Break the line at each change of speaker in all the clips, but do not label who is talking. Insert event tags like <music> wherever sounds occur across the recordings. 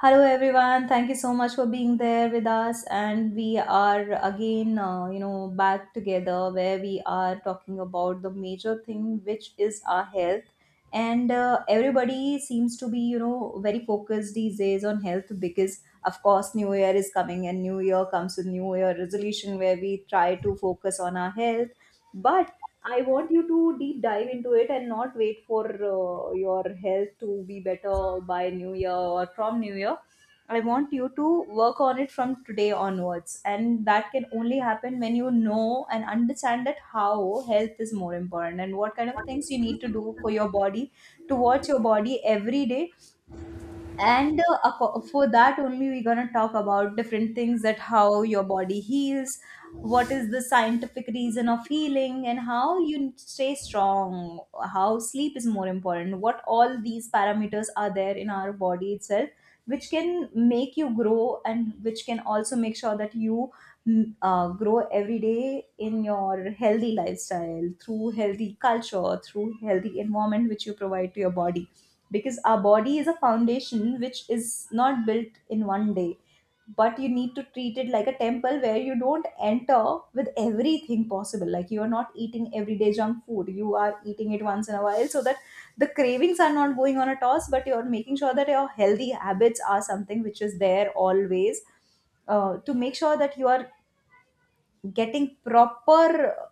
Hello everyone. Thank you so much for being there with us, and we are again back together where we are talking about the major thing, which is our health. And everybody seems to be very focused these days on health because, of course, new year is coming and new year comes with new year resolution where we try to focus on our health. But I want you to deep dive into it and not wait for your health to be better by New Year or from New Year. I want you to work on it from today onwards. And that can only happen when you know and understand that how health is more important and what kind of things you need to do for your body, to watch your body every day. And for that only, we're going to talk about different things, that how your body heals, what is the scientific reason of healing and how you stay strong, how sleep is more important, what all these parameters are there in our body itself, which can make you grow and which can also make sure that you grow every day in your healthy lifestyle, through healthy culture, through healthy environment, which you provide to your body. Because our body is a foundation which is not built in one day, but you need to treat it like a temple, where you don't enter with everything possible. Like you are not eating everyday junk food, you are eating it once in a while, so that the cravings are not going on a toss, but you're making sure that your healthy habits are something which is there always, to make sure that you are getting proper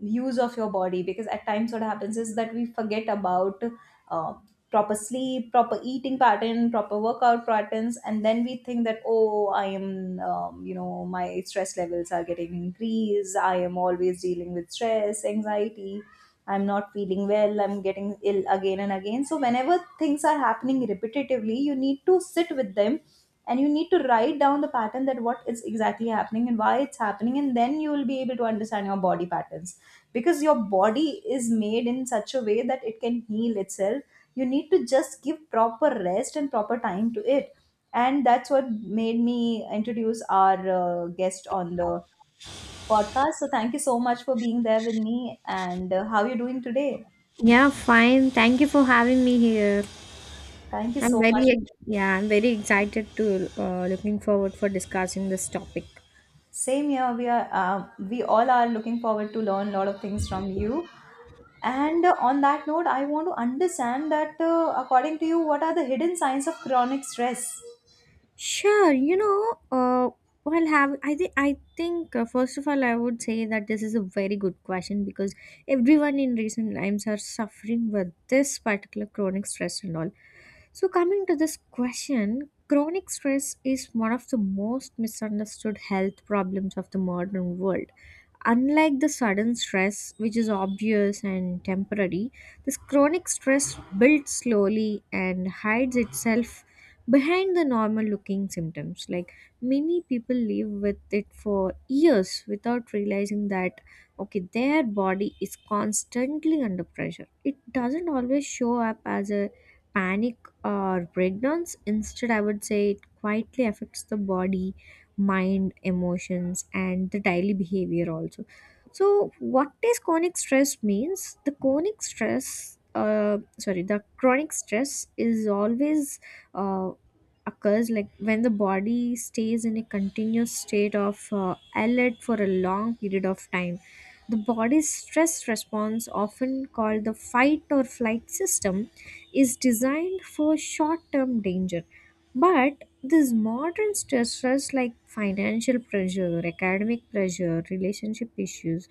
use of your body. Because at times what happens is that we forget about uh, proper sleep, proper eating pattern, proper workout patterns, and then we think that, oh, I am, my stress levels are getting increased, I am always dealing with stress, anxiety, I'm not feeling well, I'm getting ill again and again. So whenever things are happening repetitively, you need to sit with them and you need to write down the pattern, that what is exactly happening and why it's happening, and then you will be able to understand your body patterns. Because your body is made in such a way that it can heal itself, you need to just give proper rest and proper time to it. And that's what made me introduce our guest on the podcast. So thank you so much for being there with me, and how are you doing today?
Yeah, fine. Thank you for having me here.
Thank you
I'm
so much.
very ex- yeah, I'm very excited to looking forward for discussing this topic.
Same here. We are, we all are looking forward to learn a lot of things from you. And on that note, I want to understand that, according to you, what are the hidden signs of chronic stress?
Sure, you know, well, have I think first of all, I would say that this is a very good question because everyone in recent times are suffering with this particular chronic stress and all. So, coming to this question, chronic stress is one of the most misunderstood health problems of the modern world. Unlike the sudden stress, which is obvious and temporary, this chronic stress builds slowly and hides itself behind the normal looking symptoms. Like many people live with it for years without realizing that okay, their body is constantly under pressure. It doesn't always show up as a panic or breakdowns. Instead, I would say it quietly affects the body, mind, emotions, and the daily behavior also. So, what is chronic stress means? The chronic stress is always uh, occurs like when the body stays in a continuous state of alert for a long period of time. The body's stress response, often called the fight or flight system, is designed for short term danger. But these modern stressors like financial pressure, academic pressure, relationship issues,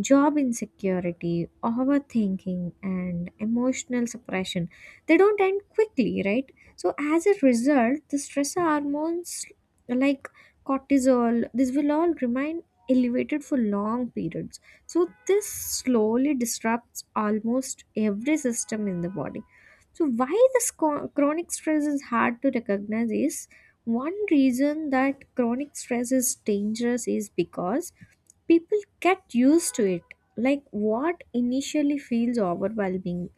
job insecurity, overthinking, and emotional suppression. They don't end quickly, right? So, as a result, the stress hormones like cortisol, this will all remain elevated for long periods. So, this slowly disrupts almost every system in the body. So, why this chronic stress is hard to recognize is one reason that chronic stress is dangerous is because people get used to it, like what initially feels overwhelming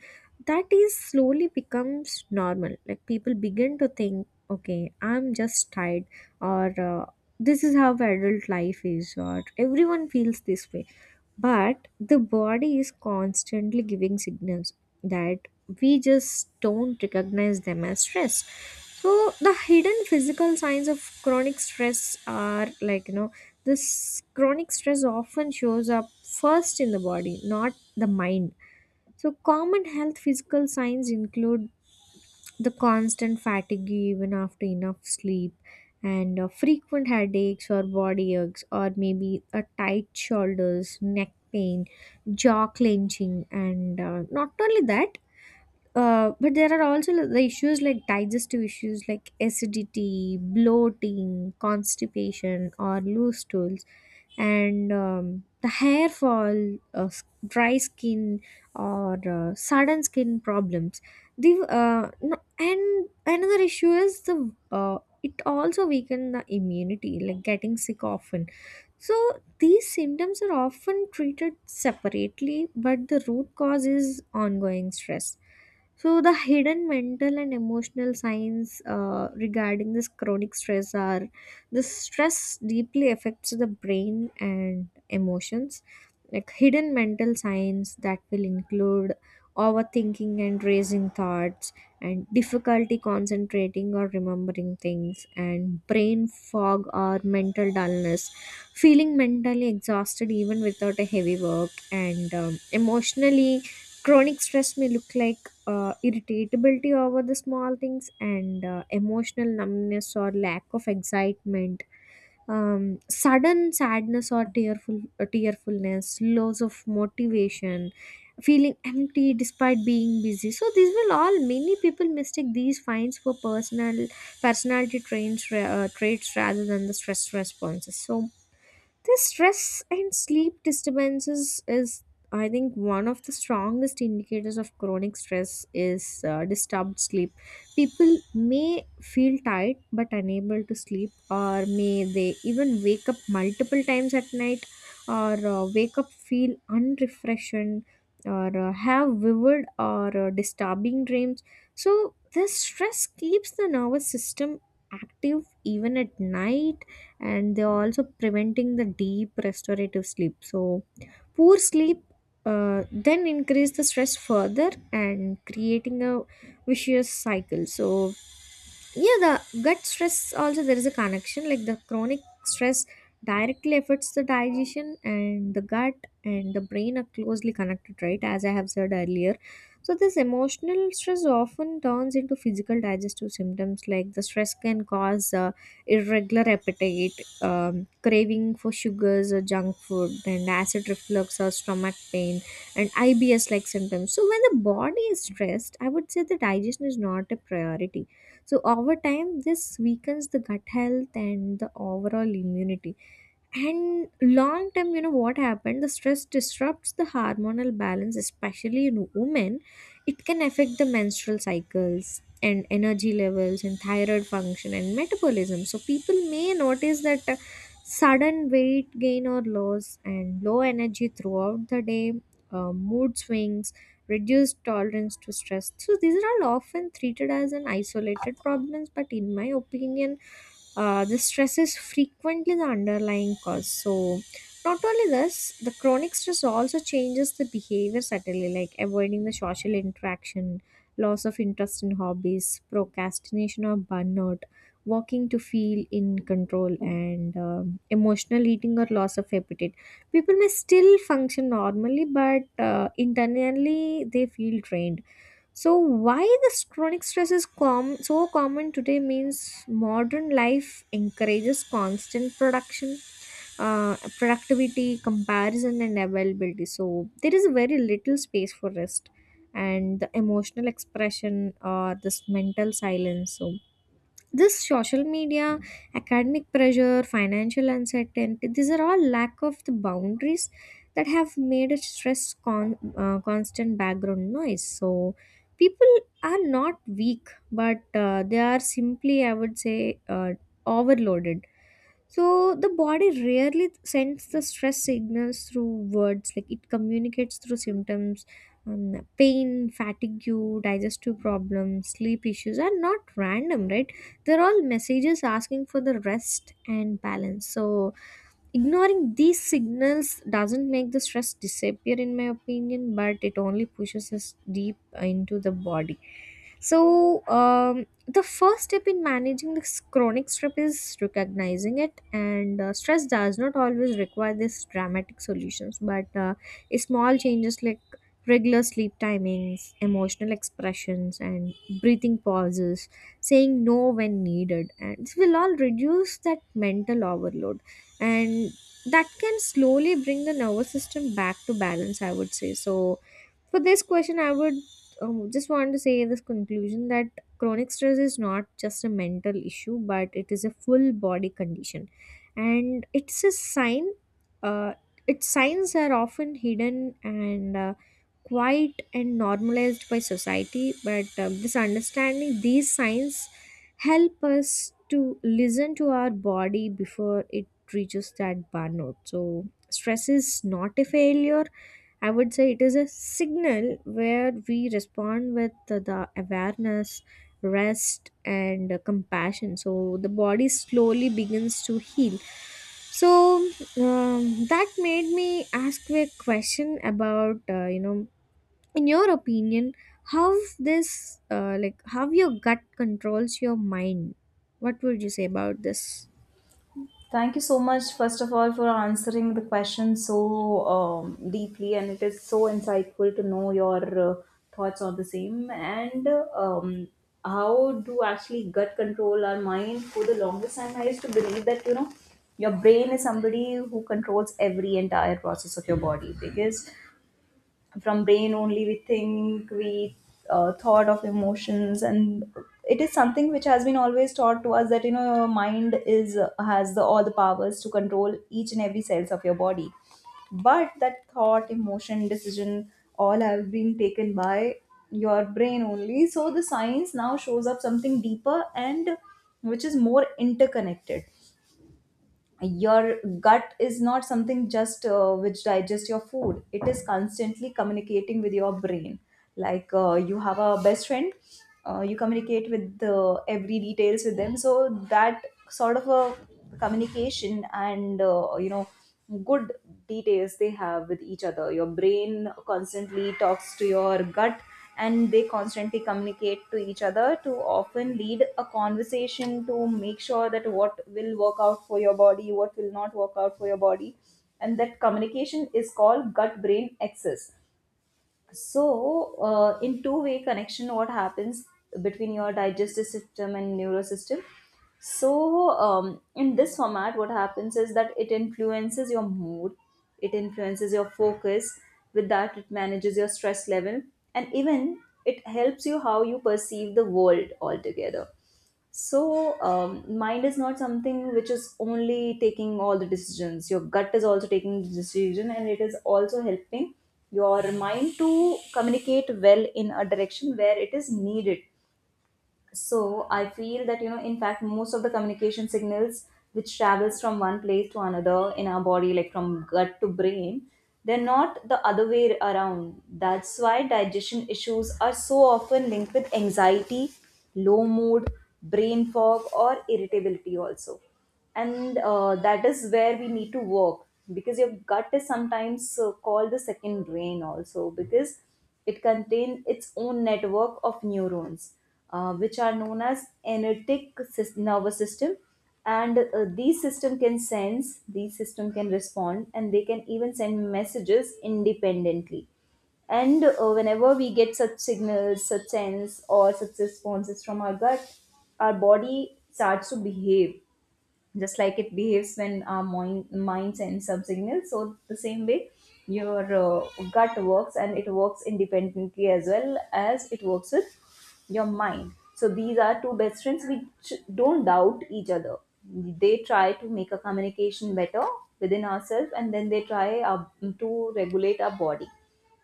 that is slowly becomes normal. Like people begin to think okay, I'm just tired, or this is how adult life is, or everyone feels this way. But the body is constantly giving signals that we just don't recognize them as stress. So the hidden physical signs of chronic stress are, like you know, this chronic stress often shows up first in the body, not the mind. So common health physical signs include the constant fatigue even after enough sleep, and frequent headaches or body aches, or maybe a tight shoulders, neck pain, jaw clenching, and not only that, but there are also the issues like digestive issues like acidity, bloating, constipation, or loose stools, and the hair fall, dry skin, or sudden skin problems. The no, and another issue is the it also weaken the immunity, like getting sick often. So these symptoms are often treated separately, but the root cause is ongoing stress. So, the hidden mental and emotional signs regarding this chronic stress are the stress deeply affects the brain and emotions. Like hidden mental signs that will include overthinking and raising thoughts, and difficulty concentrating or remembering things, and brain fog or mental dullness, feeling mentally exhausted even without a heavy work. And emotionally chronic stress may look like irritability over the small things, and emotional numbness or lack of excitement, sudden sadness or tearfulness, loss of motivation, feeling empty despite being busy. So these will all, many people mistake these finds for personality traits rather than the stress responses. So this stress and sleep disturbances is, I think, one of the strongest indicators of chronic stress is disturbed sleep. People may feel tired but unable to sleep, or may they even wake up multiple times at night, or wake up feel unrefreshed, or have vivid or disturbing dreams. So this stress keeps the nervous system active even at night, and they are also preventing the deep restorative sleep. So poor sleep then increase the stress further and creating a vicious cycle. So yeah, the gut stress, also there is a connection. Like the chronic stress directly affects the digestion, and the gut and the brain are closely connected, right, as I have said earlier. So this emotional stress often turns into physical digestive symptoms. Like the stress can cause irregular appetite, craving for sugars or junk food, and acid reflux or stomach pain, and IBS like symptoms. So when the body is stressed, I would say the digestion is not a priority. So over time, this weakens the gut health and the overall immunity. And long term, you know what happened, the stress disrupts the hormonal balance, especially in women. It can affect the menstrual cycles and energy levels and thyroid function and metabolism. So people may notice that sudden weight gain or loss, and low energy throughout the day, mood swings, reduced tolerance to stress. So these are all often treated as an isolated problems, but in my opinion, the stress is frequently the underlying cause. So not only this, the chronic stress also changes the behavior subtly, like avoiding the social interaction, loss of interest in hobbies, procrastination or burnout, working to feel in control, and emotional eating or loss of appetite. People may still function normally, but internally they feel drained. So why this chronic stress is so common today means modern life encourages constant productivity, comparison, and availability. So there is very little space for rest and the emotional expression or this mental silence. So this social media, academic pressure, financial uncertainty, these are all lack of the boundaries that have made a stress constant background noise. So people are not weak, but they are simply, I would say, uh, overloaded. So the body rarely sends the stress signals through words, like it communicates through symptoms, pain, fatigue, digestive problems, sleep issues are not random, right? They're all messages asking for the rest and balance. So ignoring these signals doesn't make the stress disappear, in my opinion, but it only pushes us deep into the body. So, the first step in managing this chronic stress is recognizing it, and stress does not always require these dramatic solutions, but small changes like regular sleep timings, emotional expressions, and breathing pauses, saying no when needed, and this will all reduce that mental overload, and that can slowly bring the nervous system back to balance, I would say. So for this question, I would just want to say this conclusion that chronic stress is not just a mental issue, but it is a full body condition, and it's a sign, uh, its signs are often hidden and quiet and normalized by society. But this understanding these signs help us to listen to our body before it reaches that burnout. So, stress is not a failure. I would say it is a signal where we respond with the awareness, rest, and compassion. So, the body slowly begins to heal. So, that made me ask you a question about, you know, in your opinion, how this, like, how your gut controls your mind? What would you say about this?
Thank you so much, first of all, for answering the question so deeply, and it is so insightful to know your thoughts on the same. And um, how do actually gut control our mind. For the longest time, I used to believe that, you know, your brain is somebody who controls every entire process of your body, because from brain only we think, we thought of emotions. And it is something which has been always taught to us that, you know, your mind is, has the all the powers to control each and every cells of your body. But that thought, emotion, decision, all have been taken by your brain only. So the science now shows up something deeper and which is more interconnected. Your gut is not something just which digests your food, it is constantly communicating with your brain. Like, you have a best friend, you communicate with the every details with them, so that sort of a communication and, good details they have with each other. Your brain constantly talks to your gut, and they constantly communicate to each other, to often lead a conversation to make sure that what will work out for your body, what will not work out for your body. And that communication is called gut brain axis. So, in two-way connection, what happens between your digestive system and neurosystem? So, in this format, what happens is that it influences your mood, it influences your focus, with that, it manages your stress level, and even it helps you how you perceive the world altogether. So, mind is not something which is only taking all the decisions. Your gut is also taking the decision, and it is also helping your mind to communicate well in a direction where it is needed. So I feel that, you know, in fact most of the communication signals which travels from one place to another in our body, like from gut to brain, they're not the other way around. That's why digestion issues are so often linked with anxiety, low mood, brain fog or irritability also. And that is where we need to work, because your gut is sometimes called the second brain also, because it contains its own network of neurons, which are known as energetic sys- nervous system. And these system can sense, these system can respond, and they can even send messages independently. And whenever we get such signals, such sense or such responses from our gut, our body starts to behave just like it behaves when our mind sends some signals. So the same way, your gut works, and it works independently as well as it works with your mind. So these are two best friends which don't doubt each other, they try to make a communication better within ourselves, and then they try to regulate our body.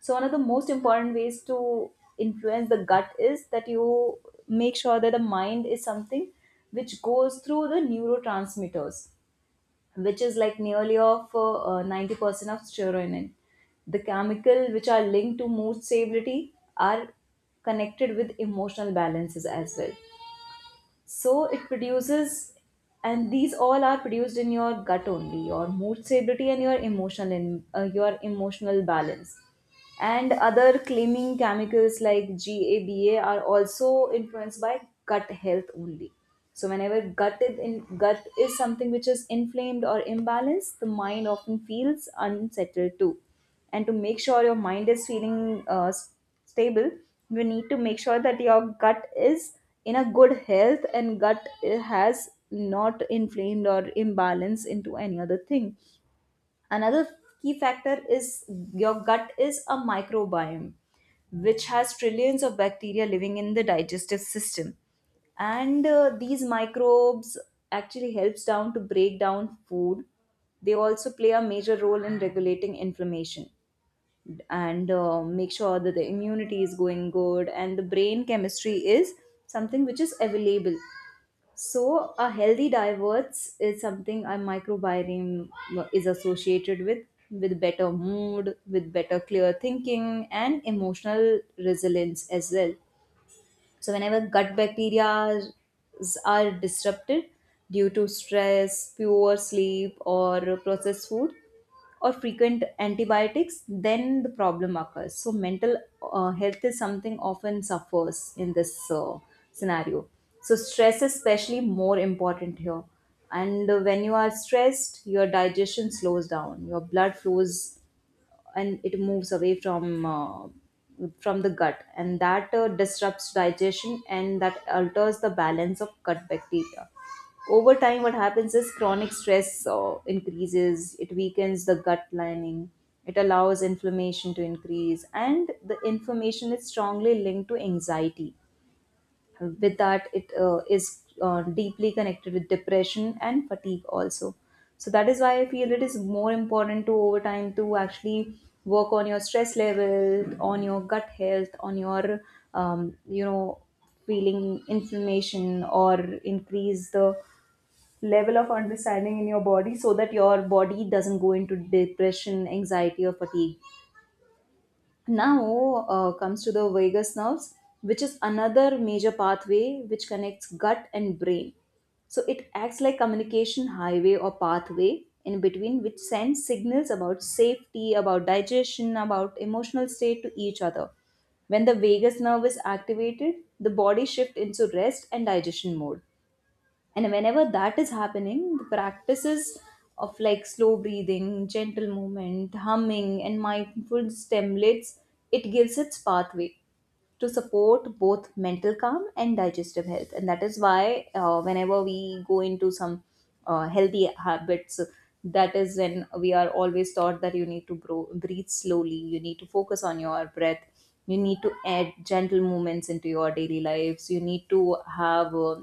So one of the most important ways to influence the gut is that you make sure that the mind is something which goes through the neurotransmitters, which is like nearly of 90% of serotonin. The chemical which are linked to mood stability are connected with emotional balances as well. So it produces, and these all are produced in your gut only, your mood stability and your your emotional balance. And other claiming chemicals like GABA are also influenced by gut health only. So whenever gut is something which is inflamed or imbalanced, the mind often feels unsettled too. And to make sure your mind is feeling stable, you need to make sure that your gut is in a good health, and has not inflamed or imbalance into any other thing. Another key factor is your gut is a microbiome, which has trillions of bacteria living in the digestive system. And these microbes actually helps down to break down food. They also play a major role in regulating inflammation, and make sure that the immunity is going good and the brain chemistry is something which is available. So a healthy diverts is something, a microbiome, is associated with better mood, with better clear thinking and emotional resilience as well. So, whenever gut bacteria are disrupted due to stress, poor sleep, or processed food, or frequent antibiotics, then the problem occurs. So, mental health is something often suffers in this scenario. So, stress is especially more important here. And when you are stressed, your digestion slows down, your blood flows and it moves away from the gut, and that disrupts digestion, and that alters the balance of gut bacteria. Over time what happens is, chronic stress increases it weakens the gut lining, it allows inflammation to increase, and the inflammation is strongly linked to anxiety. With that, it is deeply connected with depression and fatigue also. So that is why I feel it is more important, to over time, to actually work on your stress level, on your gut health, on your um, you know feeling inflammation, or increase the level of understanding in your body, so that your body doesn't go into depression, anxiety or fatigue. Now comes to the vagus nerves, which is another major pathway which connects gut and brain. So it acts like communication highway or pathway in between, which sends signals about safety, about digestion, about emotional state to each other. When the vagus nerve is activated, the body shifts into rest and digestion mode. And whenever that is happening, the practices of like slow breathing, gentle movement, humming, and mindful stimulates, it gives its pathway to support both mental calm and digestive health. And that is why whenever we go into some healthy habits, that is when we are always taught that you need to breathe slowly, you need to focus on your breath, you need to add gentle movements into your daily lives. You need to have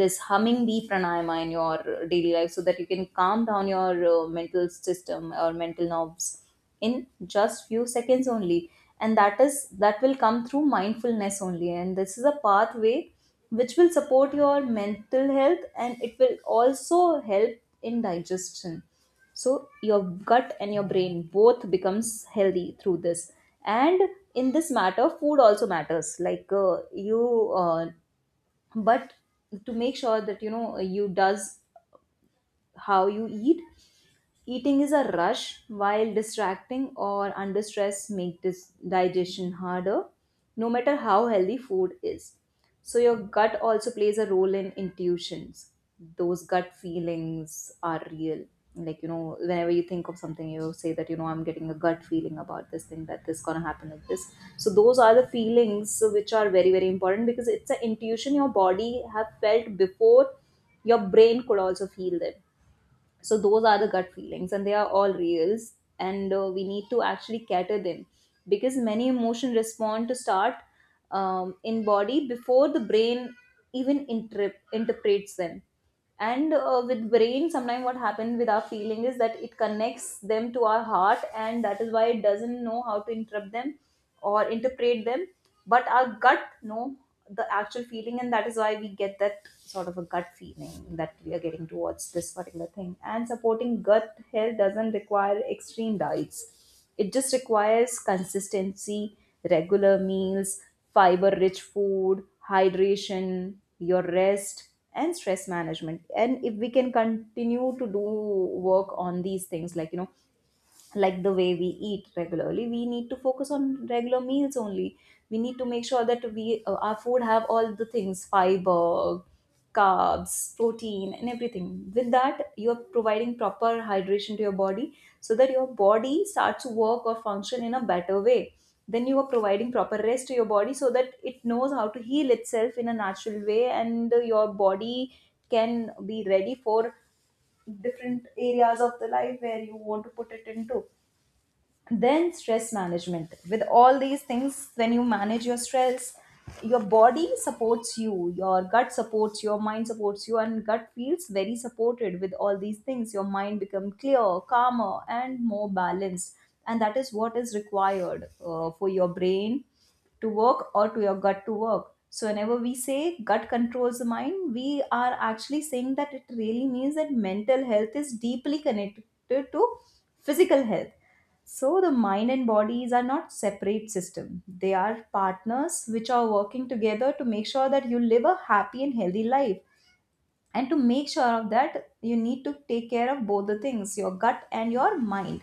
this humming bee pranayama in your daily life so that you can calm down your mental system or mental nerves in just few seconds only. And that will come through mindfulness only, and this is a pathway which will support your mental health, and it will also help in digestion. So your gut and your brain both becomes healthy through this. And in this matter food also matters, like you but to make sure that you does how you eat. Eating is a rush, while distracting or under stress make this digestion harder, no matter how healthy food is. So your gut also plays a role in intuitions. Those gut feelings are real. Whenever you think of something, you say that, I'm getting a gut feeling about this thing, that this gonna happen like this. So those are the feelings which are very, very important, because it's an intuition your body have felt before your brain could also feel them. So those are the gut feelings, and they are all reals. And we need to actually cater them, because many emotion respond to start in body before the brain even interprets them. And with brain sometimes what happens with our feeling is that it connects them to our heart, and that is why it doesn't know how to interrupt them or interpret them. But our gut know the actual feeling, and that is why we get that sort of a gut feeling that we are getting towards this particular thing. And supporting gut health doesn't require extreme diets, it just requires consistency, regular meals, fiber rich food, hydration, your rest and stress management. And if we can continue to do work on these things, like the way we eat regularly, we need to focus on regular meals only. We need to make sure that we our food have all the things: fiber, carbs, protein, and everything. With that you are providing proper hydration to your body so that your body starts to work or function in a better way. Then you are providing proper rest to your body so that it knows how to heal itself in a natural way, and your body can be ready for different areas of the life where you want to put it into. Then stress management. With all these things, when you manage your stress, your body supports you, your gut supports, your mind supports you, and gut feels very supported. With all these things your mind become clear, calmer and more balanced. And that is what is required for your brain to work, or to your gut to work. So whenever we say gut controls the mind, we are actually saying that, it really means that mental health is deeply connected to physical health. So the mind and bodies are not separate system. They are partners which are working together to make sure that you live a happy and healthy life. And to make sure of that, you need to take care of both the things, your gut and your mind.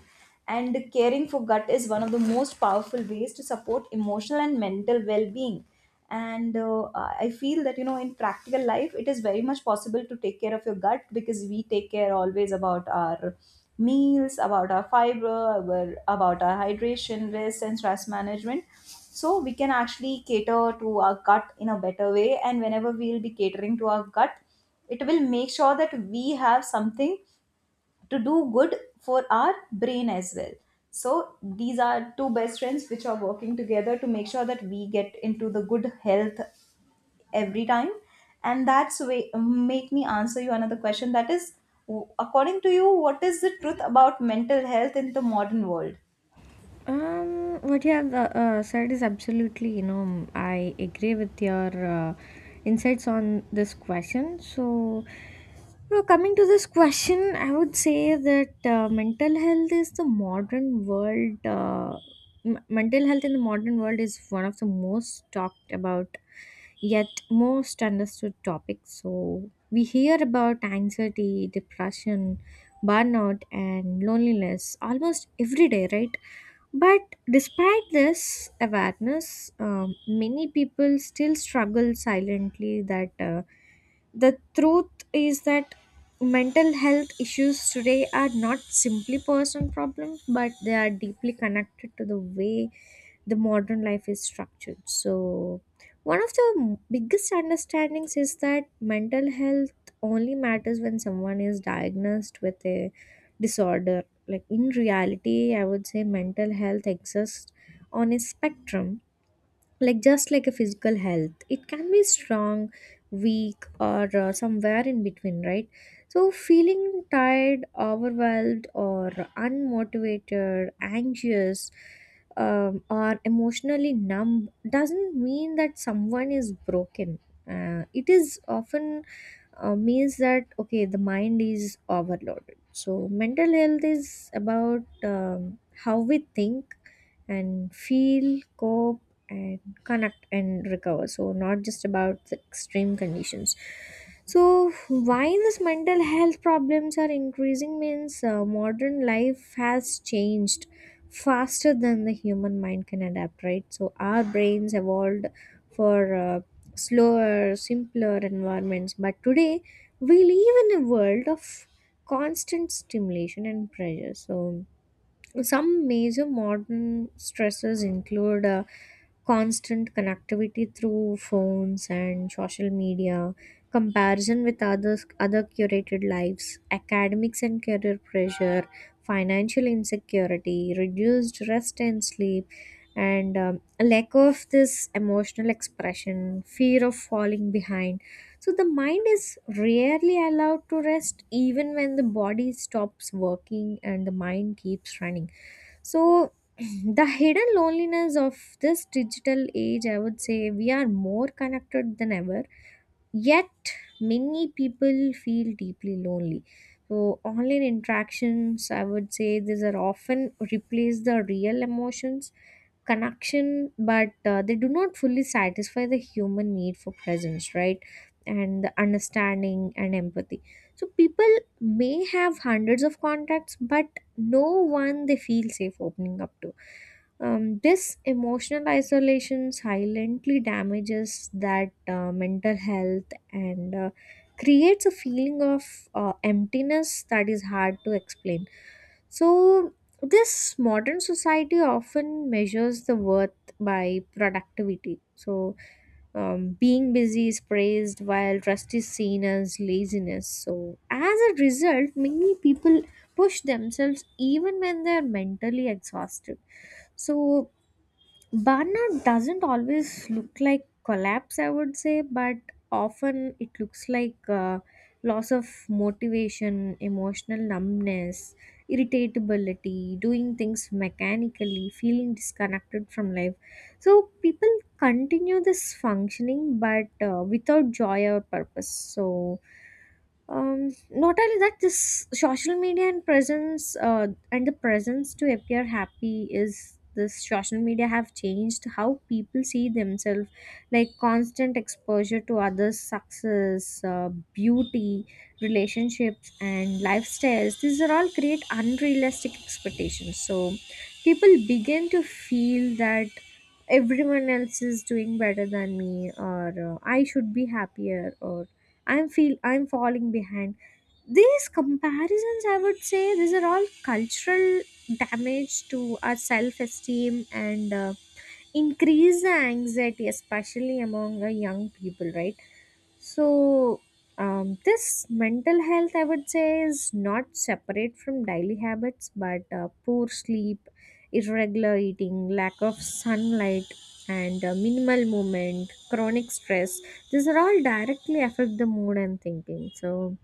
And caring for gut is one of the most powerful ways to support emotional and mental well-being. And I feel that, you know, in practical life it is very much possible to take care of your gut, because we take care always about our meals, about our fiber, our, about our hydration, rest and stress management. So we can actually cater to our gut in a better way, and whenever we'll be catering to our gut, it will make sure that we have something to do good for our brain as well. So these are two best friends which are working together to make sure that we get into the good health every time. And that's way make me answer you another question, that is, according to you, what is the truth about mental health in the modern world?
What you have said is absolutely, you know, I agree with your insights on this question. So, now coming to this question, I would say that mental health is the modern world. Mental health in the modern world is one of the most talked about, yet most understood topics. So, we hear about anxiety, depression, burnout, and loneliness almost every day, right? But despite this awareness, many people still struggle silently, that the truth is that mental health issues today are not simply person problems, but they are deeply connected to the way the modern life is structured. So, one of the biggest understandings is that mental health only matters when someone is diagnosed with a disorder. Like in reality, I would say mental health exists on a spectrum, like just like a physical health, it can be strong, weak, or somewhere in between, right? So feeling tired, overwhelmed, or unmotivated, anxious, or emotionally numb doesn't mean that someone is broken. It is often, means that okay, the mind is overloaded. So mental health is about how we think and feel, cope, and connect and recover. So, not just about the extreme conditions. So, why these mental health problems are increasing means modern life has changed faster than the human mind can adapt, right? So, our brains evolved for slower, simpler environments, but today we live in a world of constant stimulation and pressure. So, some major modern stresses include constant connectivity through phones and social media, comparison with others, other curated lives, academics and career pressure, financial insecurity, reduced rest and sleep, and a lack of this emotional expression, fear of falling behind. So the mind is rarely allowed to rest even when the body stops working and the mind keeps running so, <clears throat> the hidden loneliness of this digital age. I would say we are more connected than ever, yet many people feel deeply lonely. So, online interactions, I would say, these are often replace the real emotions connection, but they do not fully satisfy the human need for presence, right, and the understanding and empathy. So people may have hundreds of contacts but no one they feel safe opening up to. This emotional isolation silently damages that mental health, and creates a feeling of emptiness that is hard to explain. So this modern society often measures the worth by productivity. So being busy is praised while rest is seen as laziness. So as a result, many people push themselves even when they are mentally exhausted. So burnout doesn't always look like collapse, I would say, but often it looks like loss of motivation, emotional numbness, irritability, doing things mechanically, feeling disconnected from life. So people continue this functioning but without joy or purpose. So not only that, this social media and presence and the presence to appear happy is this social media have changed how people see themselves, like constant exposure to others success, beauty, relationships and lifestyles, these are all create unrealistic expectations. So people begin to feel that everyone else is doing better than me, or I should be happier, or I'm feel I'm falling behind. These comparisons, I would say, these are all cultural damage to our self-esteem, and increase the anxiety, especially among young people, right? So, this mental health, I would say, is not separate from daily habits, but poor sleep, irregular eating, lack of sunlight, and minimal movement, chronic stress, these are all directly affect the mood and thinking. So,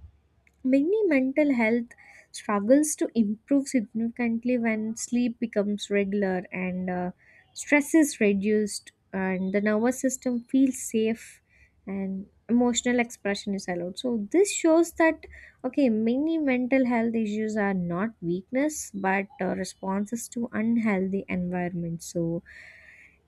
many mental health struggles to improve significantly when sleep becomes regular, and stress is reduced and the nervous system feels safe and emotional expression is allowed. So this shows that, okay, many mental health issues are not weakness, but responses to unhealthy environments. So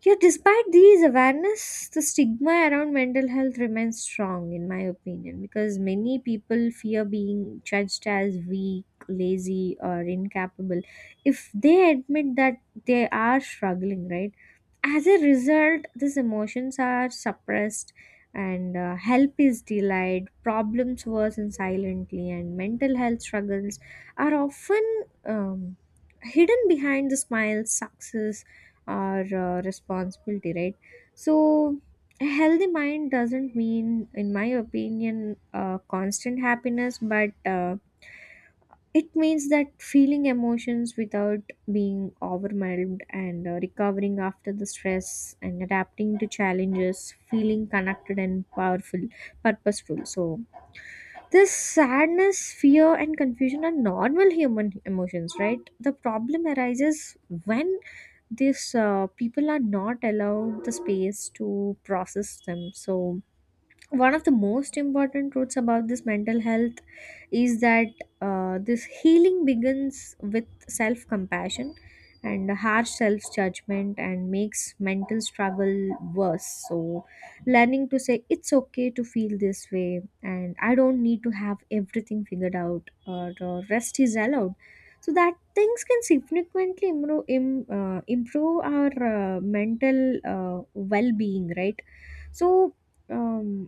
yet, despite these awareness, the stigma around mental health remains strong, in my opinion, because many people fear being judged as weak, lazy, or incapable if they admit that they are struggling, right? As a result, these emotions are suppressed, and help is delayed, problems worsen silently, and mental health struggles are often hidden behind the smile, success, or responsibility, right? So, a healthy mind doesn't mean, in my opinion, constant happiness, but it means that feeling emotions without being overwhelmed, and recovering after the stress and adapting to challenges, feeling connected and powerful, purposeful. So, this sadness, fear, and confusion are normal human emotions, right? The problem arises when these people are not allowed the space to process them. So, one of the most important truths about this mental health is that this healing begins with self compassion, and a harsh self judgment and makes mental struggle worse. So learning to say it's okay to feel this way, and I don't need to have everything figured out, or rest is allowed, so that things can significantly improve, improve our mental well-being, right? So um,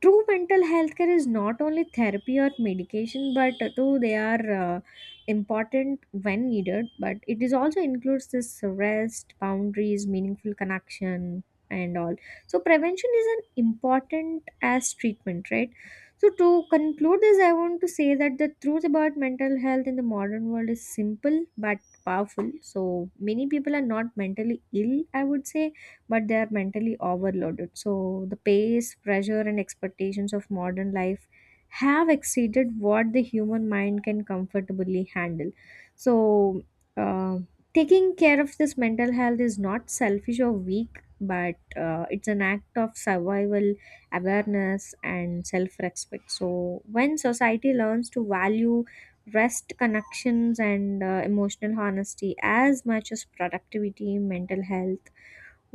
true mental health care is not only therapy or medication, but though they are important when needed, but it is also includes this rest, boundaries, meaningful connection, and all. So prevention is an important as treatment, right? So to conclude this, I want to say that the truth about mental health in the modern world is simple but powerful. So many people are not mentally ill, I would say, but they are mentally overloaded. So the pace, pressure, and expectations of modern life have exceeded what the human mind can comfortably handle. So, uh, taking care of this mental health is not selfish or weak, but it's an act of survival, awareness, and self respect. So, when society learns to value rest, connections, and emotional honesty as much as productivity,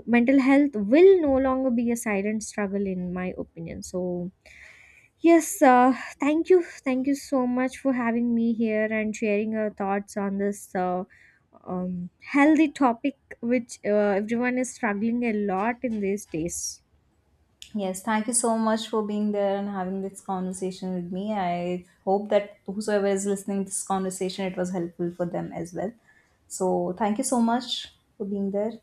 mental health will no longer be a silent struggle, in my opinion. So yes, thank you, thank you so much for having me here and sharing your thoughts on this healthy topic, which everyone is struggling a lot in these days.
Yes, thank you so much for being there and having this conversation with me. I hope that whosoever is listening to this conversation, it was helpful for them as well. So, thank you so much for being there.